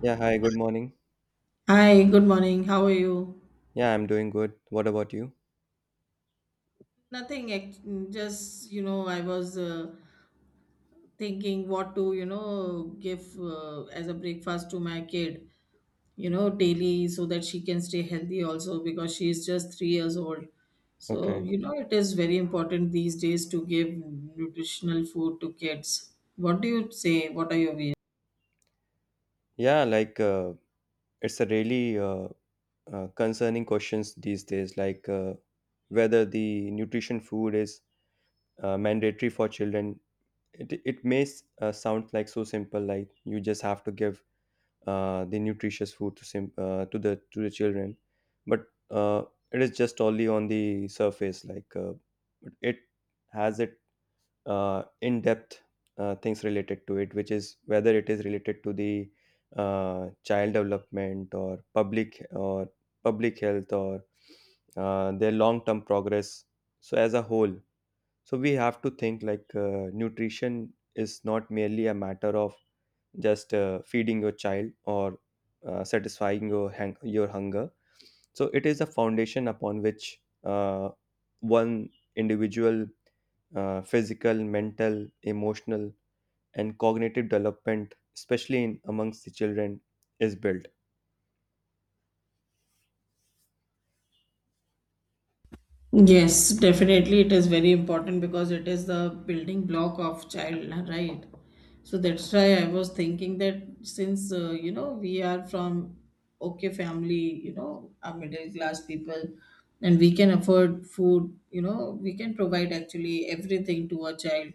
Yeah, hi, good morning. Hi, good morning. How are you? Yeah, I'm doing good. What about you? Nothing, just, I was thinking what to, give as a breakfast to my kid, daily so that she can stay healthy also because she is just 3 years old. So, Okay. It is very important these days to give nutritional food to kids. What do you say? What are your views? Yeah, it's a really concerning questions these days, like whether the nutrition food is mandatory for children. It may sound like so simple, like you just have to give the nutritious food to sim to the children, but uh, it is just only on the surface, like it has in-depth things related to it, which is whether it is related to the child development or public health or their long-term progress. So as a whole, so we have to think like nutrition is not merely a matter of just feeding your child or satisfying your your hunger, so it is a foundation upon which one individual physical, mental, emotional, and cognitive development, especially in amongst the children, is built. Yes, definitely it is very important because it is the building block of child, right? So that's why I was thinking that since we are from okay family, are middle class people, and we can afford food, we can provide actually everything to a child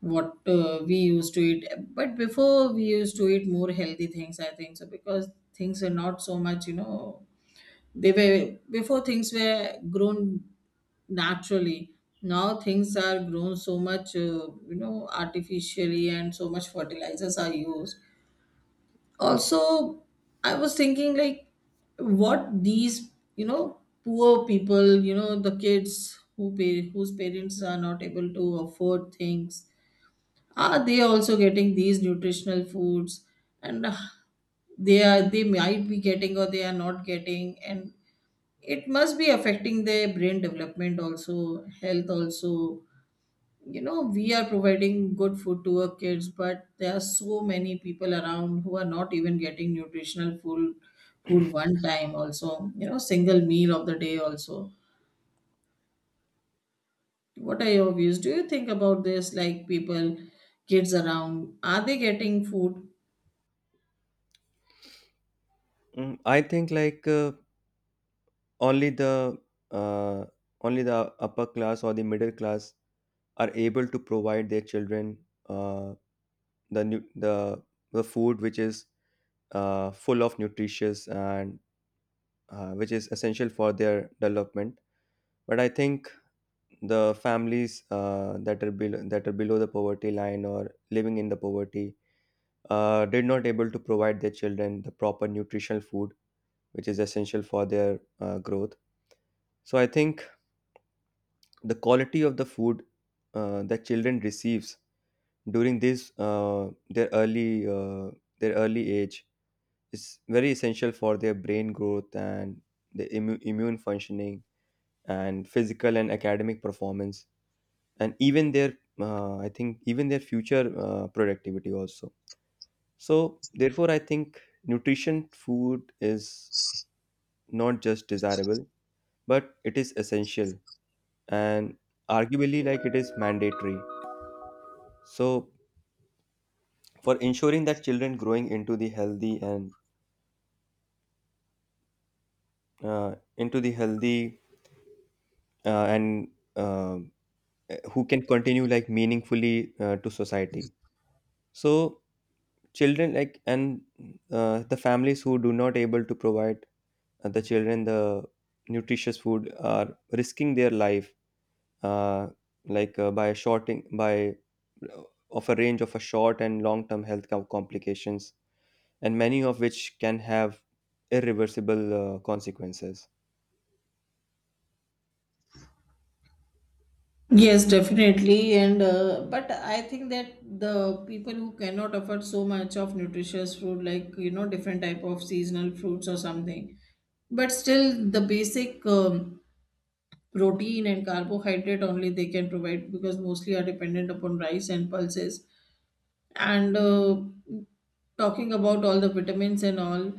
what we used to eat. But before we used to eat more healthy things, I think so because things are not so much, they were before things were grown naturally. Now things are grown so much, artificially, and so much fertilizers are used. Also, I was thinking like, what these poor people, the kids who pay, whose parents are not able to afford things, are they also getting these nutritional foods? And they might be getting, or they are not getting, and it must be affecting their brain development also, health also. You know, we are providing good food to our kids, but there are so many people around who are not even getting nutritional food, one time also, single meal of the day also. What are your views? Do you think about this, like people, kids around, are they getting food? I think like only the uh, only the upper class or the middle class are able to provide their children uh, the the food which is full of nutritious and which is essential for their development. But I think the families that are below the poverty line or living in the poverty did not able to provide their children the proper nutritional food, which is essential for their growth. So I think the quality of the food that children receives during this their early their early age is very essential for their brain growth and the immune functioning and physical and academic performance, and even their I think even their future productivity also. So therefore I think nutrition food is not just desirable but it is essential, and arguably like it is mandatory, so for ensuring that children growing into the healthy and into the healthy and uh, who can continue like meaningfully to society. So children like and the families who do not able to provide the children the nutritious food are risking their life, uh, like by shorting by of a range of a short and long term health complications, and many of which can have irreversible consequences. Yes, definitely. And but I think that the people who cannot afford so much of nutritious food, like, different type of seasonal fruits or something, but still the basic protein and carbohydrate only they can provide because mostly are dependent upon rice and pulses. And talking about all the vitamins and all,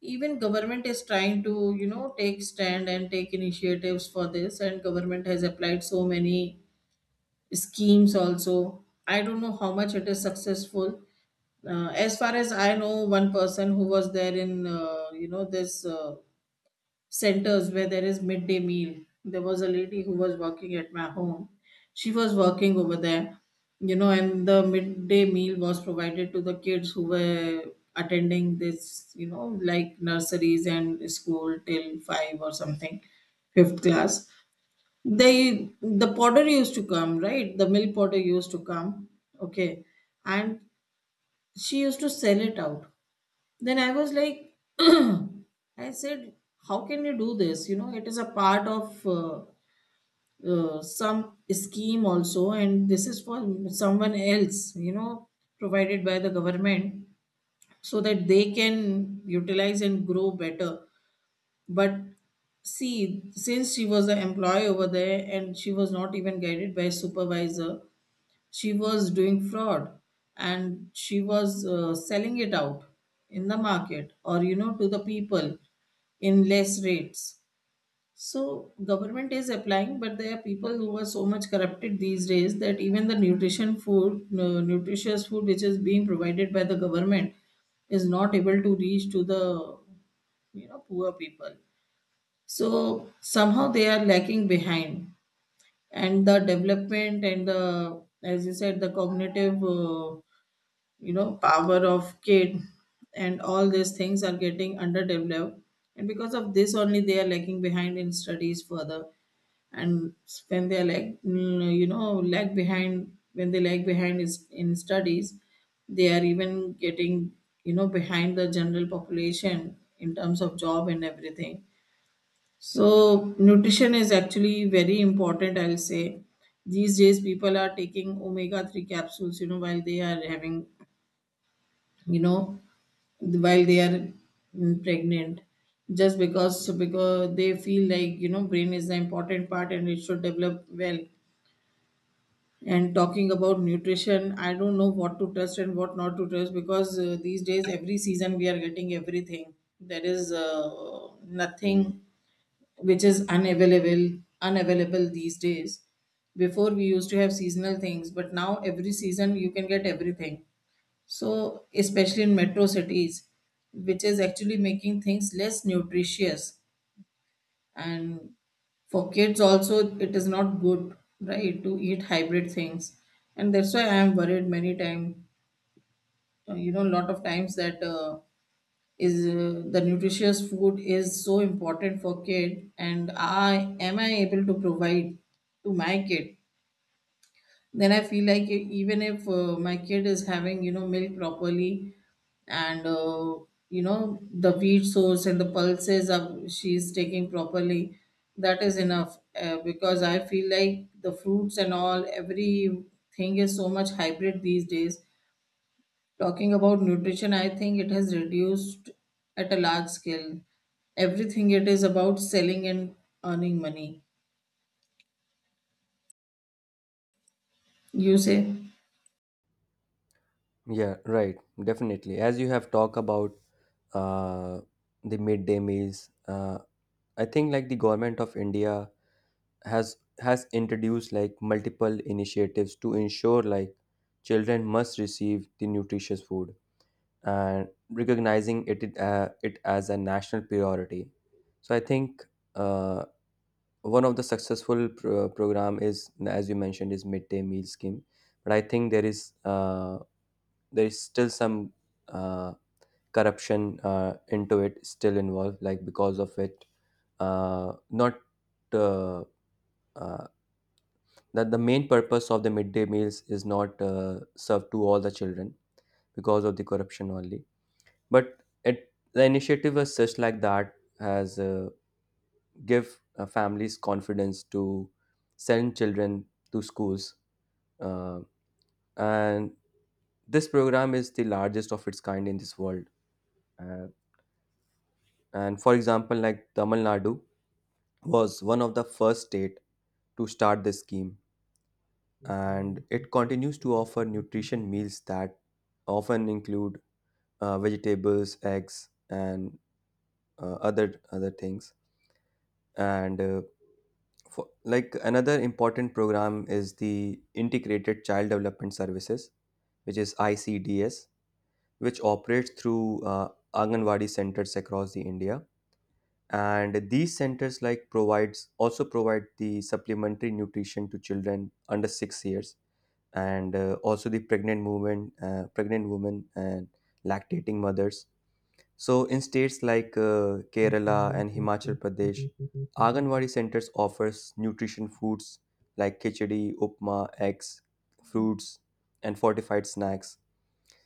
even government is trying to, take stand and take initiatives for this, and government has applied so many schemes also. I don't know how much it is successful. As far as I know, one person who was there in, this, centers where there is midday meal. There was a lady who was working at my home. She was working over there, and the midday meal was provided to the kids who were attending this, like nurseries and school till five or something, fifth class. They the potter used to come, right? The mill potter used to come. Okay. And she used to sell it out. Then I was like, I said, how can you do this? You know, it is a part of, some scheme also, and this is for someone else, provided by the government, so that they can utilize and grow better. But see, since she was an employee over there and she was not even guided by a supervisor, she was doing fraud, and she was selling it out in the market or, to the people in less rates. So government is applying, but there are people who are so much corrupted these days that even the nutritious food which is being provided by the government is not able to reach to the, poor people. So somehow they are lacking behind, and the development and the, as you said, the cognitive, power of kid, and all these things are getting underdeveloped, and because of this only they are lacking behind in studies further, and when they are like, lag behind. When they lag behind is in studies, they are even getting, behind the general population in terms of job and everything. So, nutrition is actually very important, I'll say. These days, people are taking omega 3 capsules, while they are having, you know, while they are, pregnant, just because, so because they feel like, brain is the important part and it should develop well. And talking about nutrition, I don't know what to trust and what not to trust, because these days, every season, we are getting everything. There is nothing which is unavailable these days. Before we used to have seasonal things, but now every season you can get everything, so especially in metro cities, which is actually making things less nutritious, and for kids also it is not good, right, to eat hybrid things. And that's why I am worried many times, lot of times, that, is the nutritious food is so important for kid, and I am I able to provide to my kid? Then I feel like, even if my kid is having, milk properly, and the wheat source and the pulses of she's taking properly, that is enough, because I feel like the fruits and all everything is so much hybrid these days. Talking about nutrition, I think it has reduced at a large scale. Everything it is about selling and earning money. You say? Yeah, right. Definitely. As you have talked about uh, the midday meals, uh, I think like the government of India has introduced like multiple initiatives to ensure like children must receive the nutritious food and recognizing it it as a national priority. So I think uh, one of the successful program is, as you mentioned, is midday meal scheme. But I think there is still some uh, corruption into it still involved, like because of it not uh, uh, that the main purpose of the midday meals is not served to all the children because of the corruption only. But it, the initiative was such like that has give families confidence to send children to schools, uh, and this program is the largest of its kind in this world. uh, and for example like Tamil Nadu was one of the first state to start this scheme, and it continues to offer nutrition meals that often include vegetables, eggs, and other other things. And for, like another important program is the Integrated Child Development Services, which is ICDS, which operates through Anganwadi centers across the India. And these centers like provides also provide the supplementary nutrition to children under 6 years, and also the pregnant women, and lactating mothers. So, in states like Kerala and Himachal Pradesh, Anganwadi centers offers nutrition foods like khichdi, upma, eggs, fruits, and fortified snacks.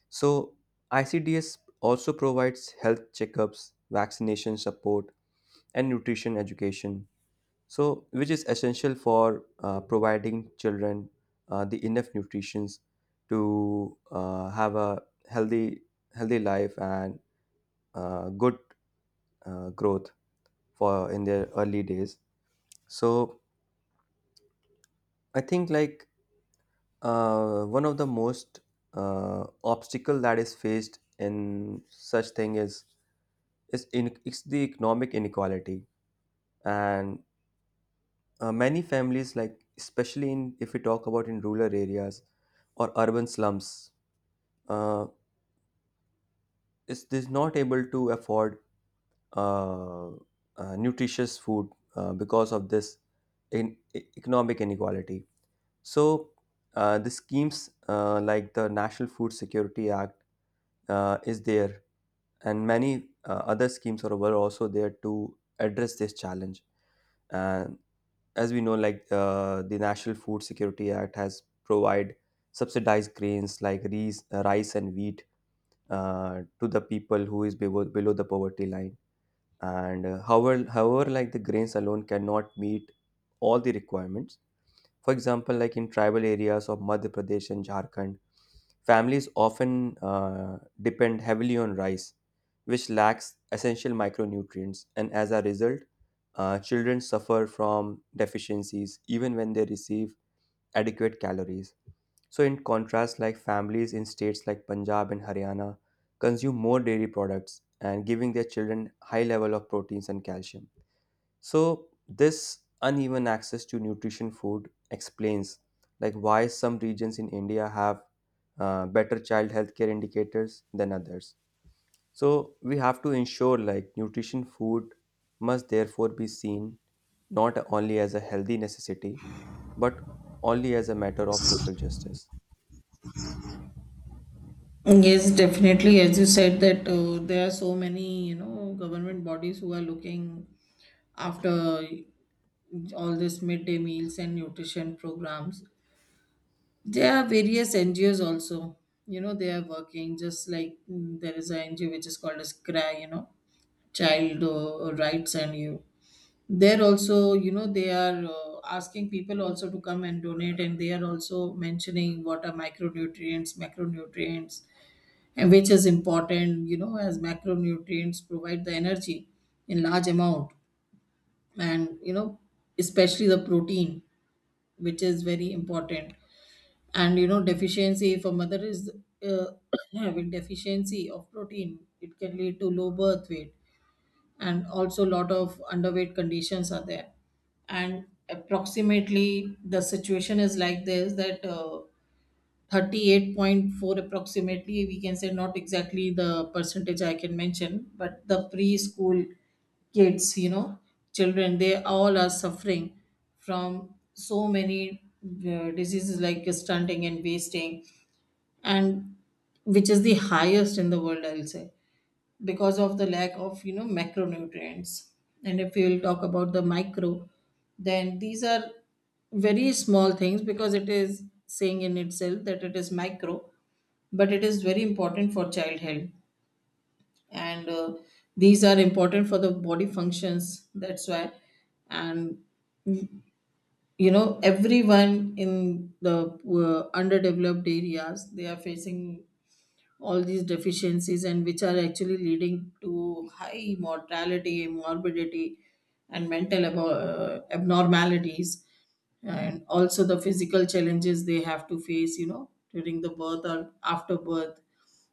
So, ICDS also provides health checkups, vaccination support, and nutrition education. So, which is essential for providing children the enough nutrition to have a healthy healthy life and good growth for in their early days. So I think like one of the most obstacle that is faced in such thing is in it's the economic inequality, and many families like, especially in, if we talk about in rural areas or urban slums, uh, is this not able to afford nutritious food because of this economic inequality. So the schemes like the National Food Security Act is there, and many other schemes are were also there to address this challenge. And as we know, like the National Food Security Act has provide subsidized grains like rice and wheat to the people who is below the poverty line. And however, like the grains alone cannot meet all the requirements. For example, like in tribal areas of Madhya Pradesh and Jharkhand, families often depend heavily on rice, which lacks essential micronutrients, and as a result, children suffer from deficiencies even when they receive adequate calories. So, in contrast, like families in states like Punjab and Haryana consume more dairy products and giving their children high level of proteins and calcium. So this uneven access to nutrition food explains like why some regions in India have better child healthcare indicators than others. So we have to ensure like nutrition food must therefore be seen not only as a healthy necessity but only as a matter of social justice. Yes, definitely. As you said that there are so many, government bodies who are looking after all this midday meals and nutrition programs. There are various NGOs also. They are working just like, there is an NGO which is called as CRY, Child Rights and You. There also, they are asking people also to come and donate, and they are also mentioning what are micronutrients, macronutrients, and which is important, as macronutrients provide the energy in large amount. And, especially the protein, which is very important. And, deficiency, if a mother is uh, having deficiency of protein, it can lead to low birth weight, and also a lot of underweight conditions are there. And approximately the situation is like this, that 38.4 approximately we can say, not exactly the percentage I can mention, but the preschool kids, children, they all are suffering from so many diseases like stunting and wasting, and which is the highest in the world, I'll say, because of the lack of, macronutrients. And if we will talk about the micro, then these are very small things because it is saying in itself that it is micro, but it is very important for child health. And these are important for the body functions, that's why. And, everyone in the underdeveloped areas, they are facing all these deficiencies, and which are actually leading to high mortality, morbidity, and mental abnormalities, and also the physical challenges they have to face, during the birth or after birth,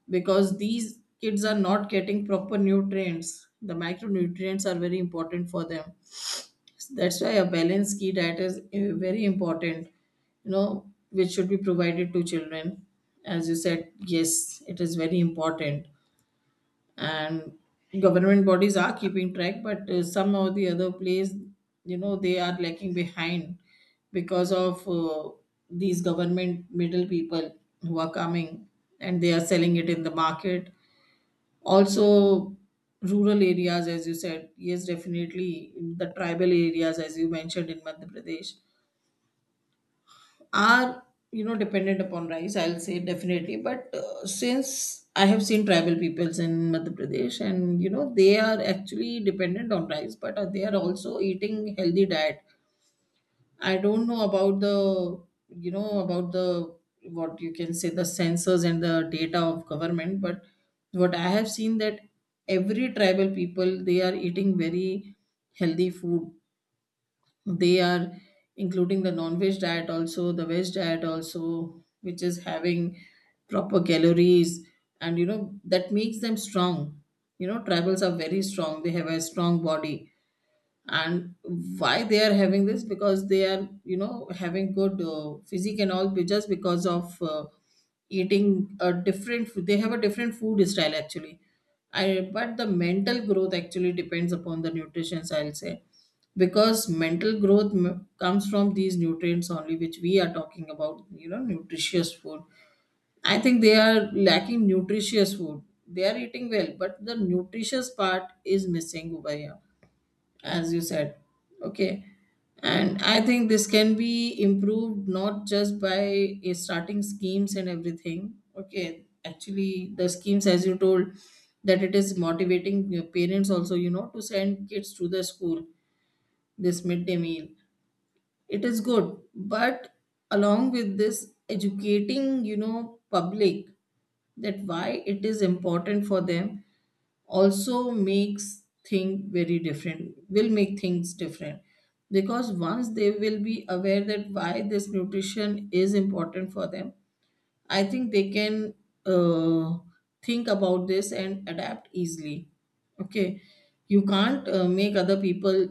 because these kids are not getting proper nutrients. The micronutrients are very important for them. So that's why a balanced key diet is very important, which should be provided to children. As you said, yes, it is very important. And government bodies are keeping track, but some or the other place, they are lacking behind because of these government middle people who are coming and they are selling it in the market also. Rural areas, as you said, yes, definitely the tribal areas, as you mentioned, in Madhya Pradesh are, dependent upon rice, I'll say, definitely. But since I have seen tribal peoples in Madhya Pradesh, and, they are actually dependent on rice, but they are also eating healthy diet. I don't know about the, about the, what you can say, the sensors and the data of government, but what I have seen, that every tribal people, they are eating very healthy food. They are including the non-veg diet also, the veg diet also, which is having proper calories and, that makes them strong. Tribals are very strong. They have a strong body, and why they are having this? Because they are, you know, having good physique and all just because of eating a different food. They have a different food style actually. But the mental growth actually depends upon the nutrition, I'll say. Because mental growth comes from these nutrients only which we are talking about, you know, nutritious food. I think they are lacking nutritious food. They are eating well, but the nutritious part is missing over here, as you said. Okay, and I think this can be improved not just by starting schemes and everything. Okay, actually the schemes, as you told, that it is motivating your parents also, you know, to send kids to the school, this midday meal, it is good. But along with this, educating, you know, public, that why it is important for them, also makes thing very different, will make things different. Because once they will be aware that why this nutrition is important for them, I think they can uh, think about this and adapt easily. Okay, you can't make other people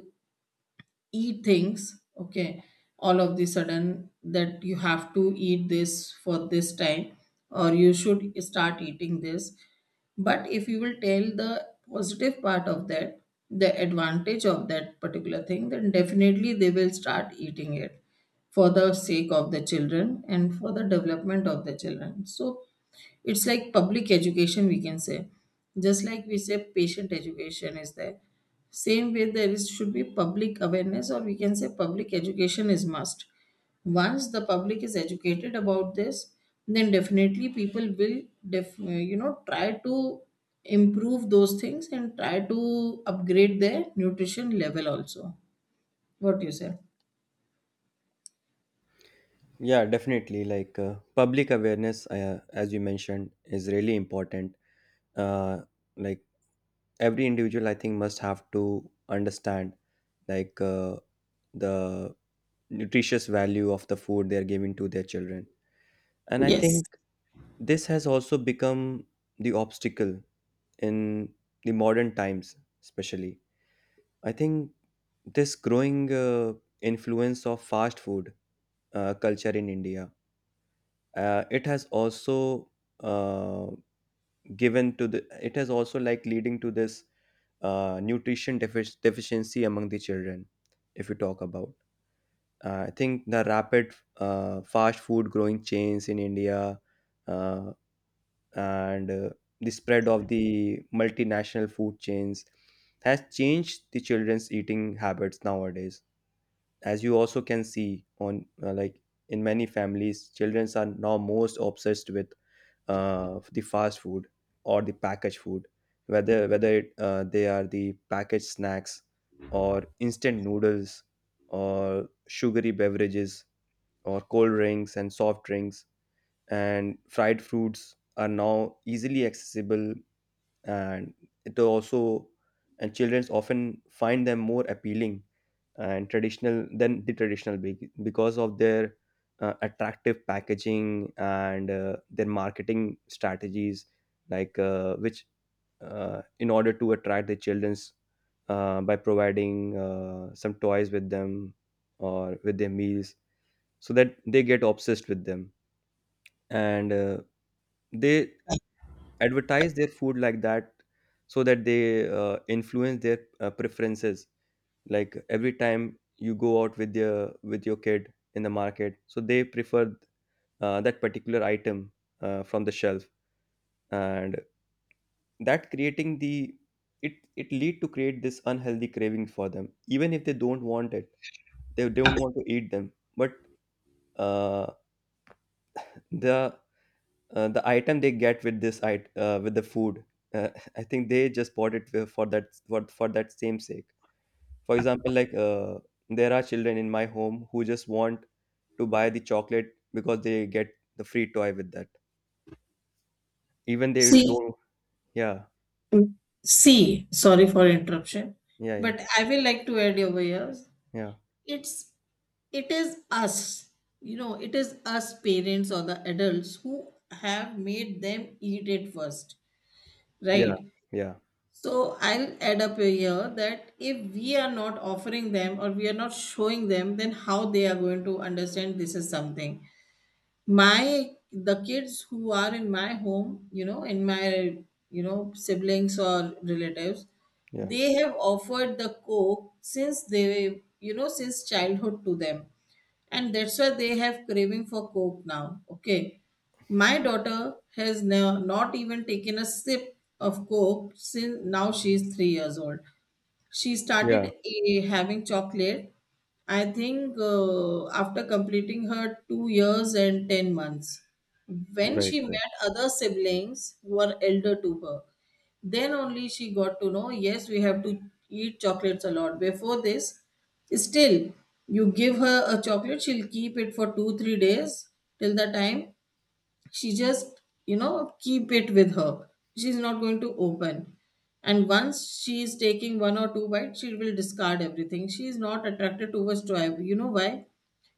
eat things. Okay, all of the sudden that you have to eat this for this time, or you should start eating this. But if you will tell the positive part of that, the advantage of that particular thing, then definitely they will start eating it, for the sake of the children and for the development of the children. So it's like public education, we can say. Just like we say patient education is there, same way there is should be public awareness, or we can say public education is must. Once the public is educated about this, then definitely people will you know, try to improve those things and try to upgrade their nutrition level also. What do you say? Yeah, definitely like public awareness as you mentioned is really important. uh, like every individual I think must have to understand like the nutritious value of the food they are giving to their children. And I Yes. think this has also become the obstacle in the modern times, especially I think this growing influence of fast food culture in India. It has also uh, given to the it has also like leading to this deficiency among the children. If you talk about I think the rapid fast food growing chains in India, uh, and the spread of the multinational food chains has changed the children's eating habits nowadays. As you also can see on like in many families children are now most obsessed with the fast food or the packaged food, whether it, they are the packaged snacks or instant noodles or sugary beverages or cold drinks and soft drinks and fried fruits are now easily accessible. And it also, and children often find them more appealing and traditional than the traditional because of their attractive packaging and their marketing strategies, like which in order to attract the children's by providing some toys with them or with their meals so that they get obsessed with them. And they advertise their food like that so that they influence their preferences. Like every time you go out with your kid in the market, so they prefer that particular item from the shelf. And that creating the it lead to create this unhealthy craving for them. Even if they don't want it, they don't want to eat them, but uh, the the item they get with this it with the food, uh, I think they just bought it for that for that same sake. For example like there are children in my home who just want to buy the chocolate because they get the free toy with that, even they See, don't. Yeah. see, sorry for interruption, Yeah. Yeah. but I will like to add over here, Yeah. it's, it is us, you know, it is us parents or the adults who have made them eat it first, Yeah. right? Yeah. So I'll add up here that if we are not offering them, or we are not showing them, then how they are going to understand this is something. My, the kids who are in my home, you know, in my, you know, siblings or relatives, Yeah. they have offered the coke since they, you know, since childhood to them, and that's why they have craving for coke now. Okay, my daughter has now not even taken a sip of coke, since now she is 3 years old. She started Yeah. Having chocolate, I think, after completing her 2 years and 10 months. When Right. she Right. met other siblings who are elder to her, then only she got to know, yes, we have to eat chocolates a lot. Before this, still, you give her a chocolate, she'll keep it for two, 3 days, till the time she just, you know, keep it with her, she's not going to open. And once she is taking one or two bites, she will discard everything. She is not attracted towards toy. You know why?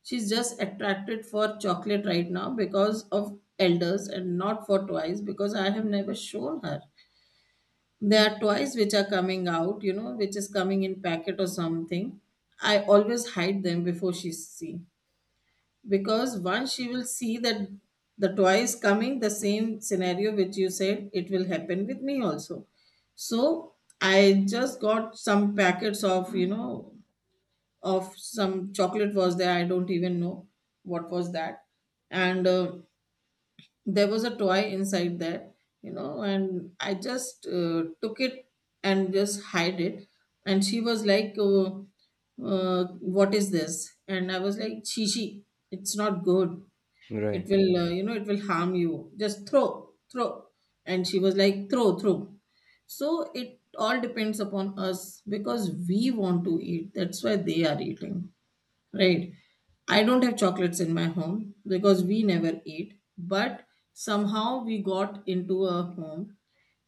She's just attracted for chocolate right now because of elders, and not for toys because I have never shown her. There are toys which are coming out, you know, which is coming in packet or something. I always hide them before she see, because once she will see that the toy is coming, the same scenario which you said, it will happen with me also. So I just got some packets of, you know, of some chocolate was there, I don't even know what was that. And there was a toy inside there, you know, and I just took it and just hide it. And she was like uh, what is this? And I was like, chichi, it's not good. It Right. will, you know, it will harm you. Just throw, throw. And she was like, throw, throw. So it all depends upon us. Because we want to eat, that's why they are eating, right? I don't have chocolates in my home because we never eat. But somehow we got into a home,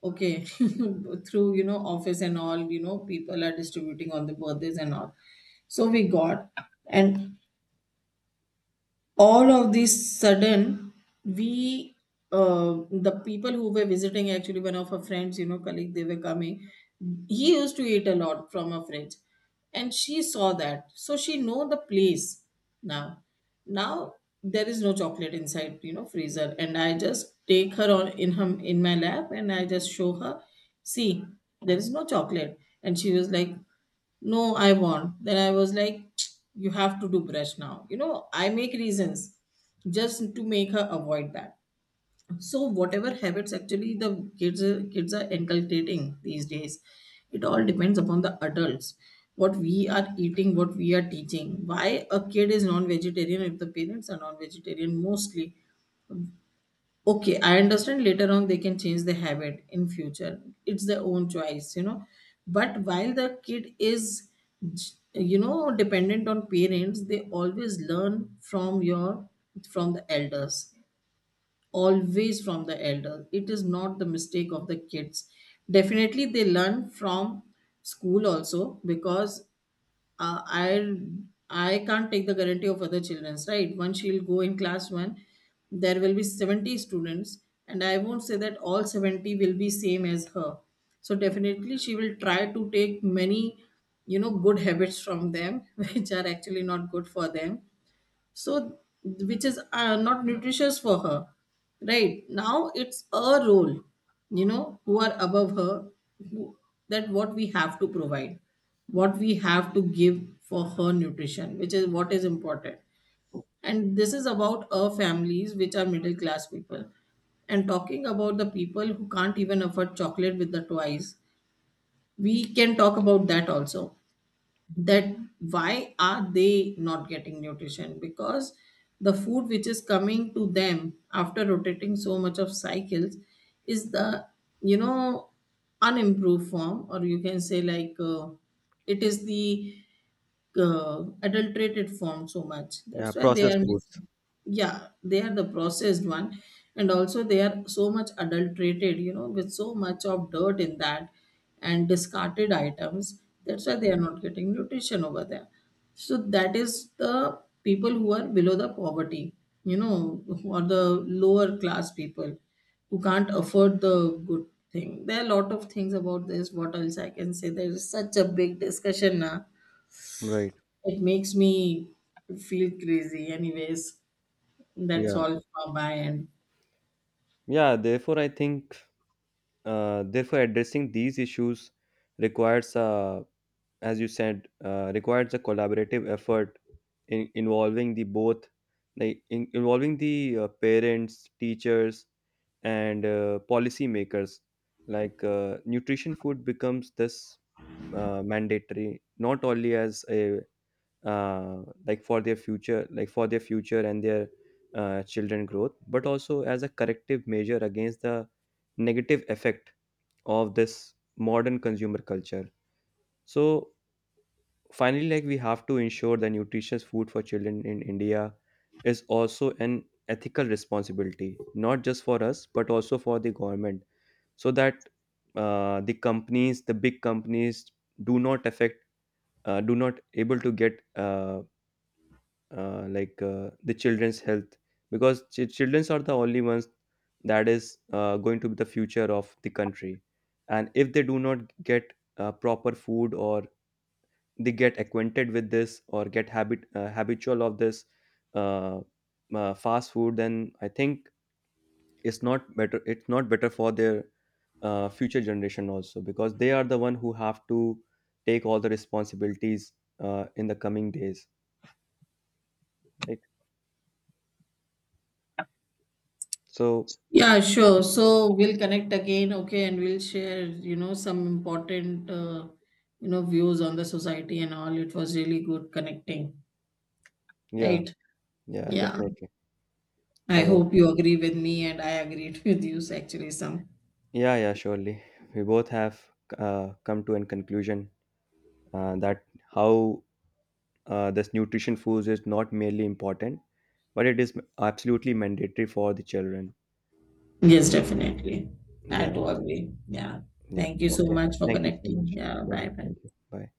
okay, through, you know, office and all, you know, people are distributing on the birthdays and all, so we got. And all of these sudden, we, the people who were visiting, actually one of her friends, you know, colleague, they were coming, he used to eat a lot from her friends, and she saw that, so she know the place. Now, now, there is no chocolate inside, you know, freezer. And I just take her on in her, in my lap, and I just show her, see, there is no chocolate. And she was like, no, I want. Then I was like, you have to do brush now, you know, I make reasons, just to make her avoid that. So whatever habits actually the kids are inculcating these days, it all depends upon the adults, what we are eating, what we are teaching. Why a kid is non-vegetarian? If the parents are non-vegetarian, mostly. Okay, I understand later on they can change the habit in future, it's their own choice, you know. But while the kid is, you know, dependent on parents, they always learn from your, from the elders, always from the elder. It is not the mistake of the kids. Definitely they learn from school also, because uh, i I can't take the guarantee of other children's, right? Once she'll go in class 1, there will be 70 students, and I won't say that all 70 will be same as her. So definitely she will try to take many, you know, good habits from them which are actually not good for them. So, which is not nutritious for her. Right now it's a role, you know, who are above her, who, that what we have to provide, what we have to give for her nutrition, which is, what is important. And this is about our families which are middle class people. And talking about the people who can't even afford chocolate with the toys, we can talk about that also, that why are they not getting nutrition? Because the food which is coming to them after rotating so much of cycles, is the, you know, unimproved form, or you can say like, it is the adulterated form so much. Yeah, That's why they processed are foods. missing. Yeah, they are the processed one, and also they are so much adulterated, you know, with so much of dirt in that and discarded items. That's why they are not getting nutrition over there. So that is the people who are below the poverty, you know, or the lower class people who can't afford the good thing. There are a lot of things about this. What else I can say? There is such a big discussion now, Right. it makes me feel crazy, anyways. That's Yeah. all from my end. Yeah, therefore I think therefore addressing these issues requires a as you said, requires a collaborative effort in involving the both, like in, involving the parents, teachers, and policy makers. Like nutrition food becomes this mandatory, not only as a like for their future and their children growth, but also as a corrective measure against the negative effect of this modern consumer culture. So finally like we have to ensure that nutritious food for children in India is also an ethical responsibility, not just for us but also for the government, so that the big companies do not affect do not able to get the children's health. Because children's are the only ones that is going to be the future of the country, and if they do not get proper food or they get acquainted with this or get habitual of this uh, fast food, then I think it's not better for their future generation also, because they are the one who have to take all the responsibilities in the coming days, right? So Yeah, sure. So we'll connect again, okay, and we'll share, you know, some important, you know, views on the society and all. It was really good connecting, yeah. right? Yeah, Yeah. definitely. I All right. hope you agree with me, and I agreed with you, actually, some. Yeah, yeah, surely, we both have come to a conclusion that how, thus, nutrition foods is not merely important, but it is absolutely mandatory for the children. Yes, definitely. I Yeah, do agree. Yeah. yeah. Thank you so Okay. much for Thank you so connecting. much. Yeah. Yeah, Bye bye. thank you. Bye.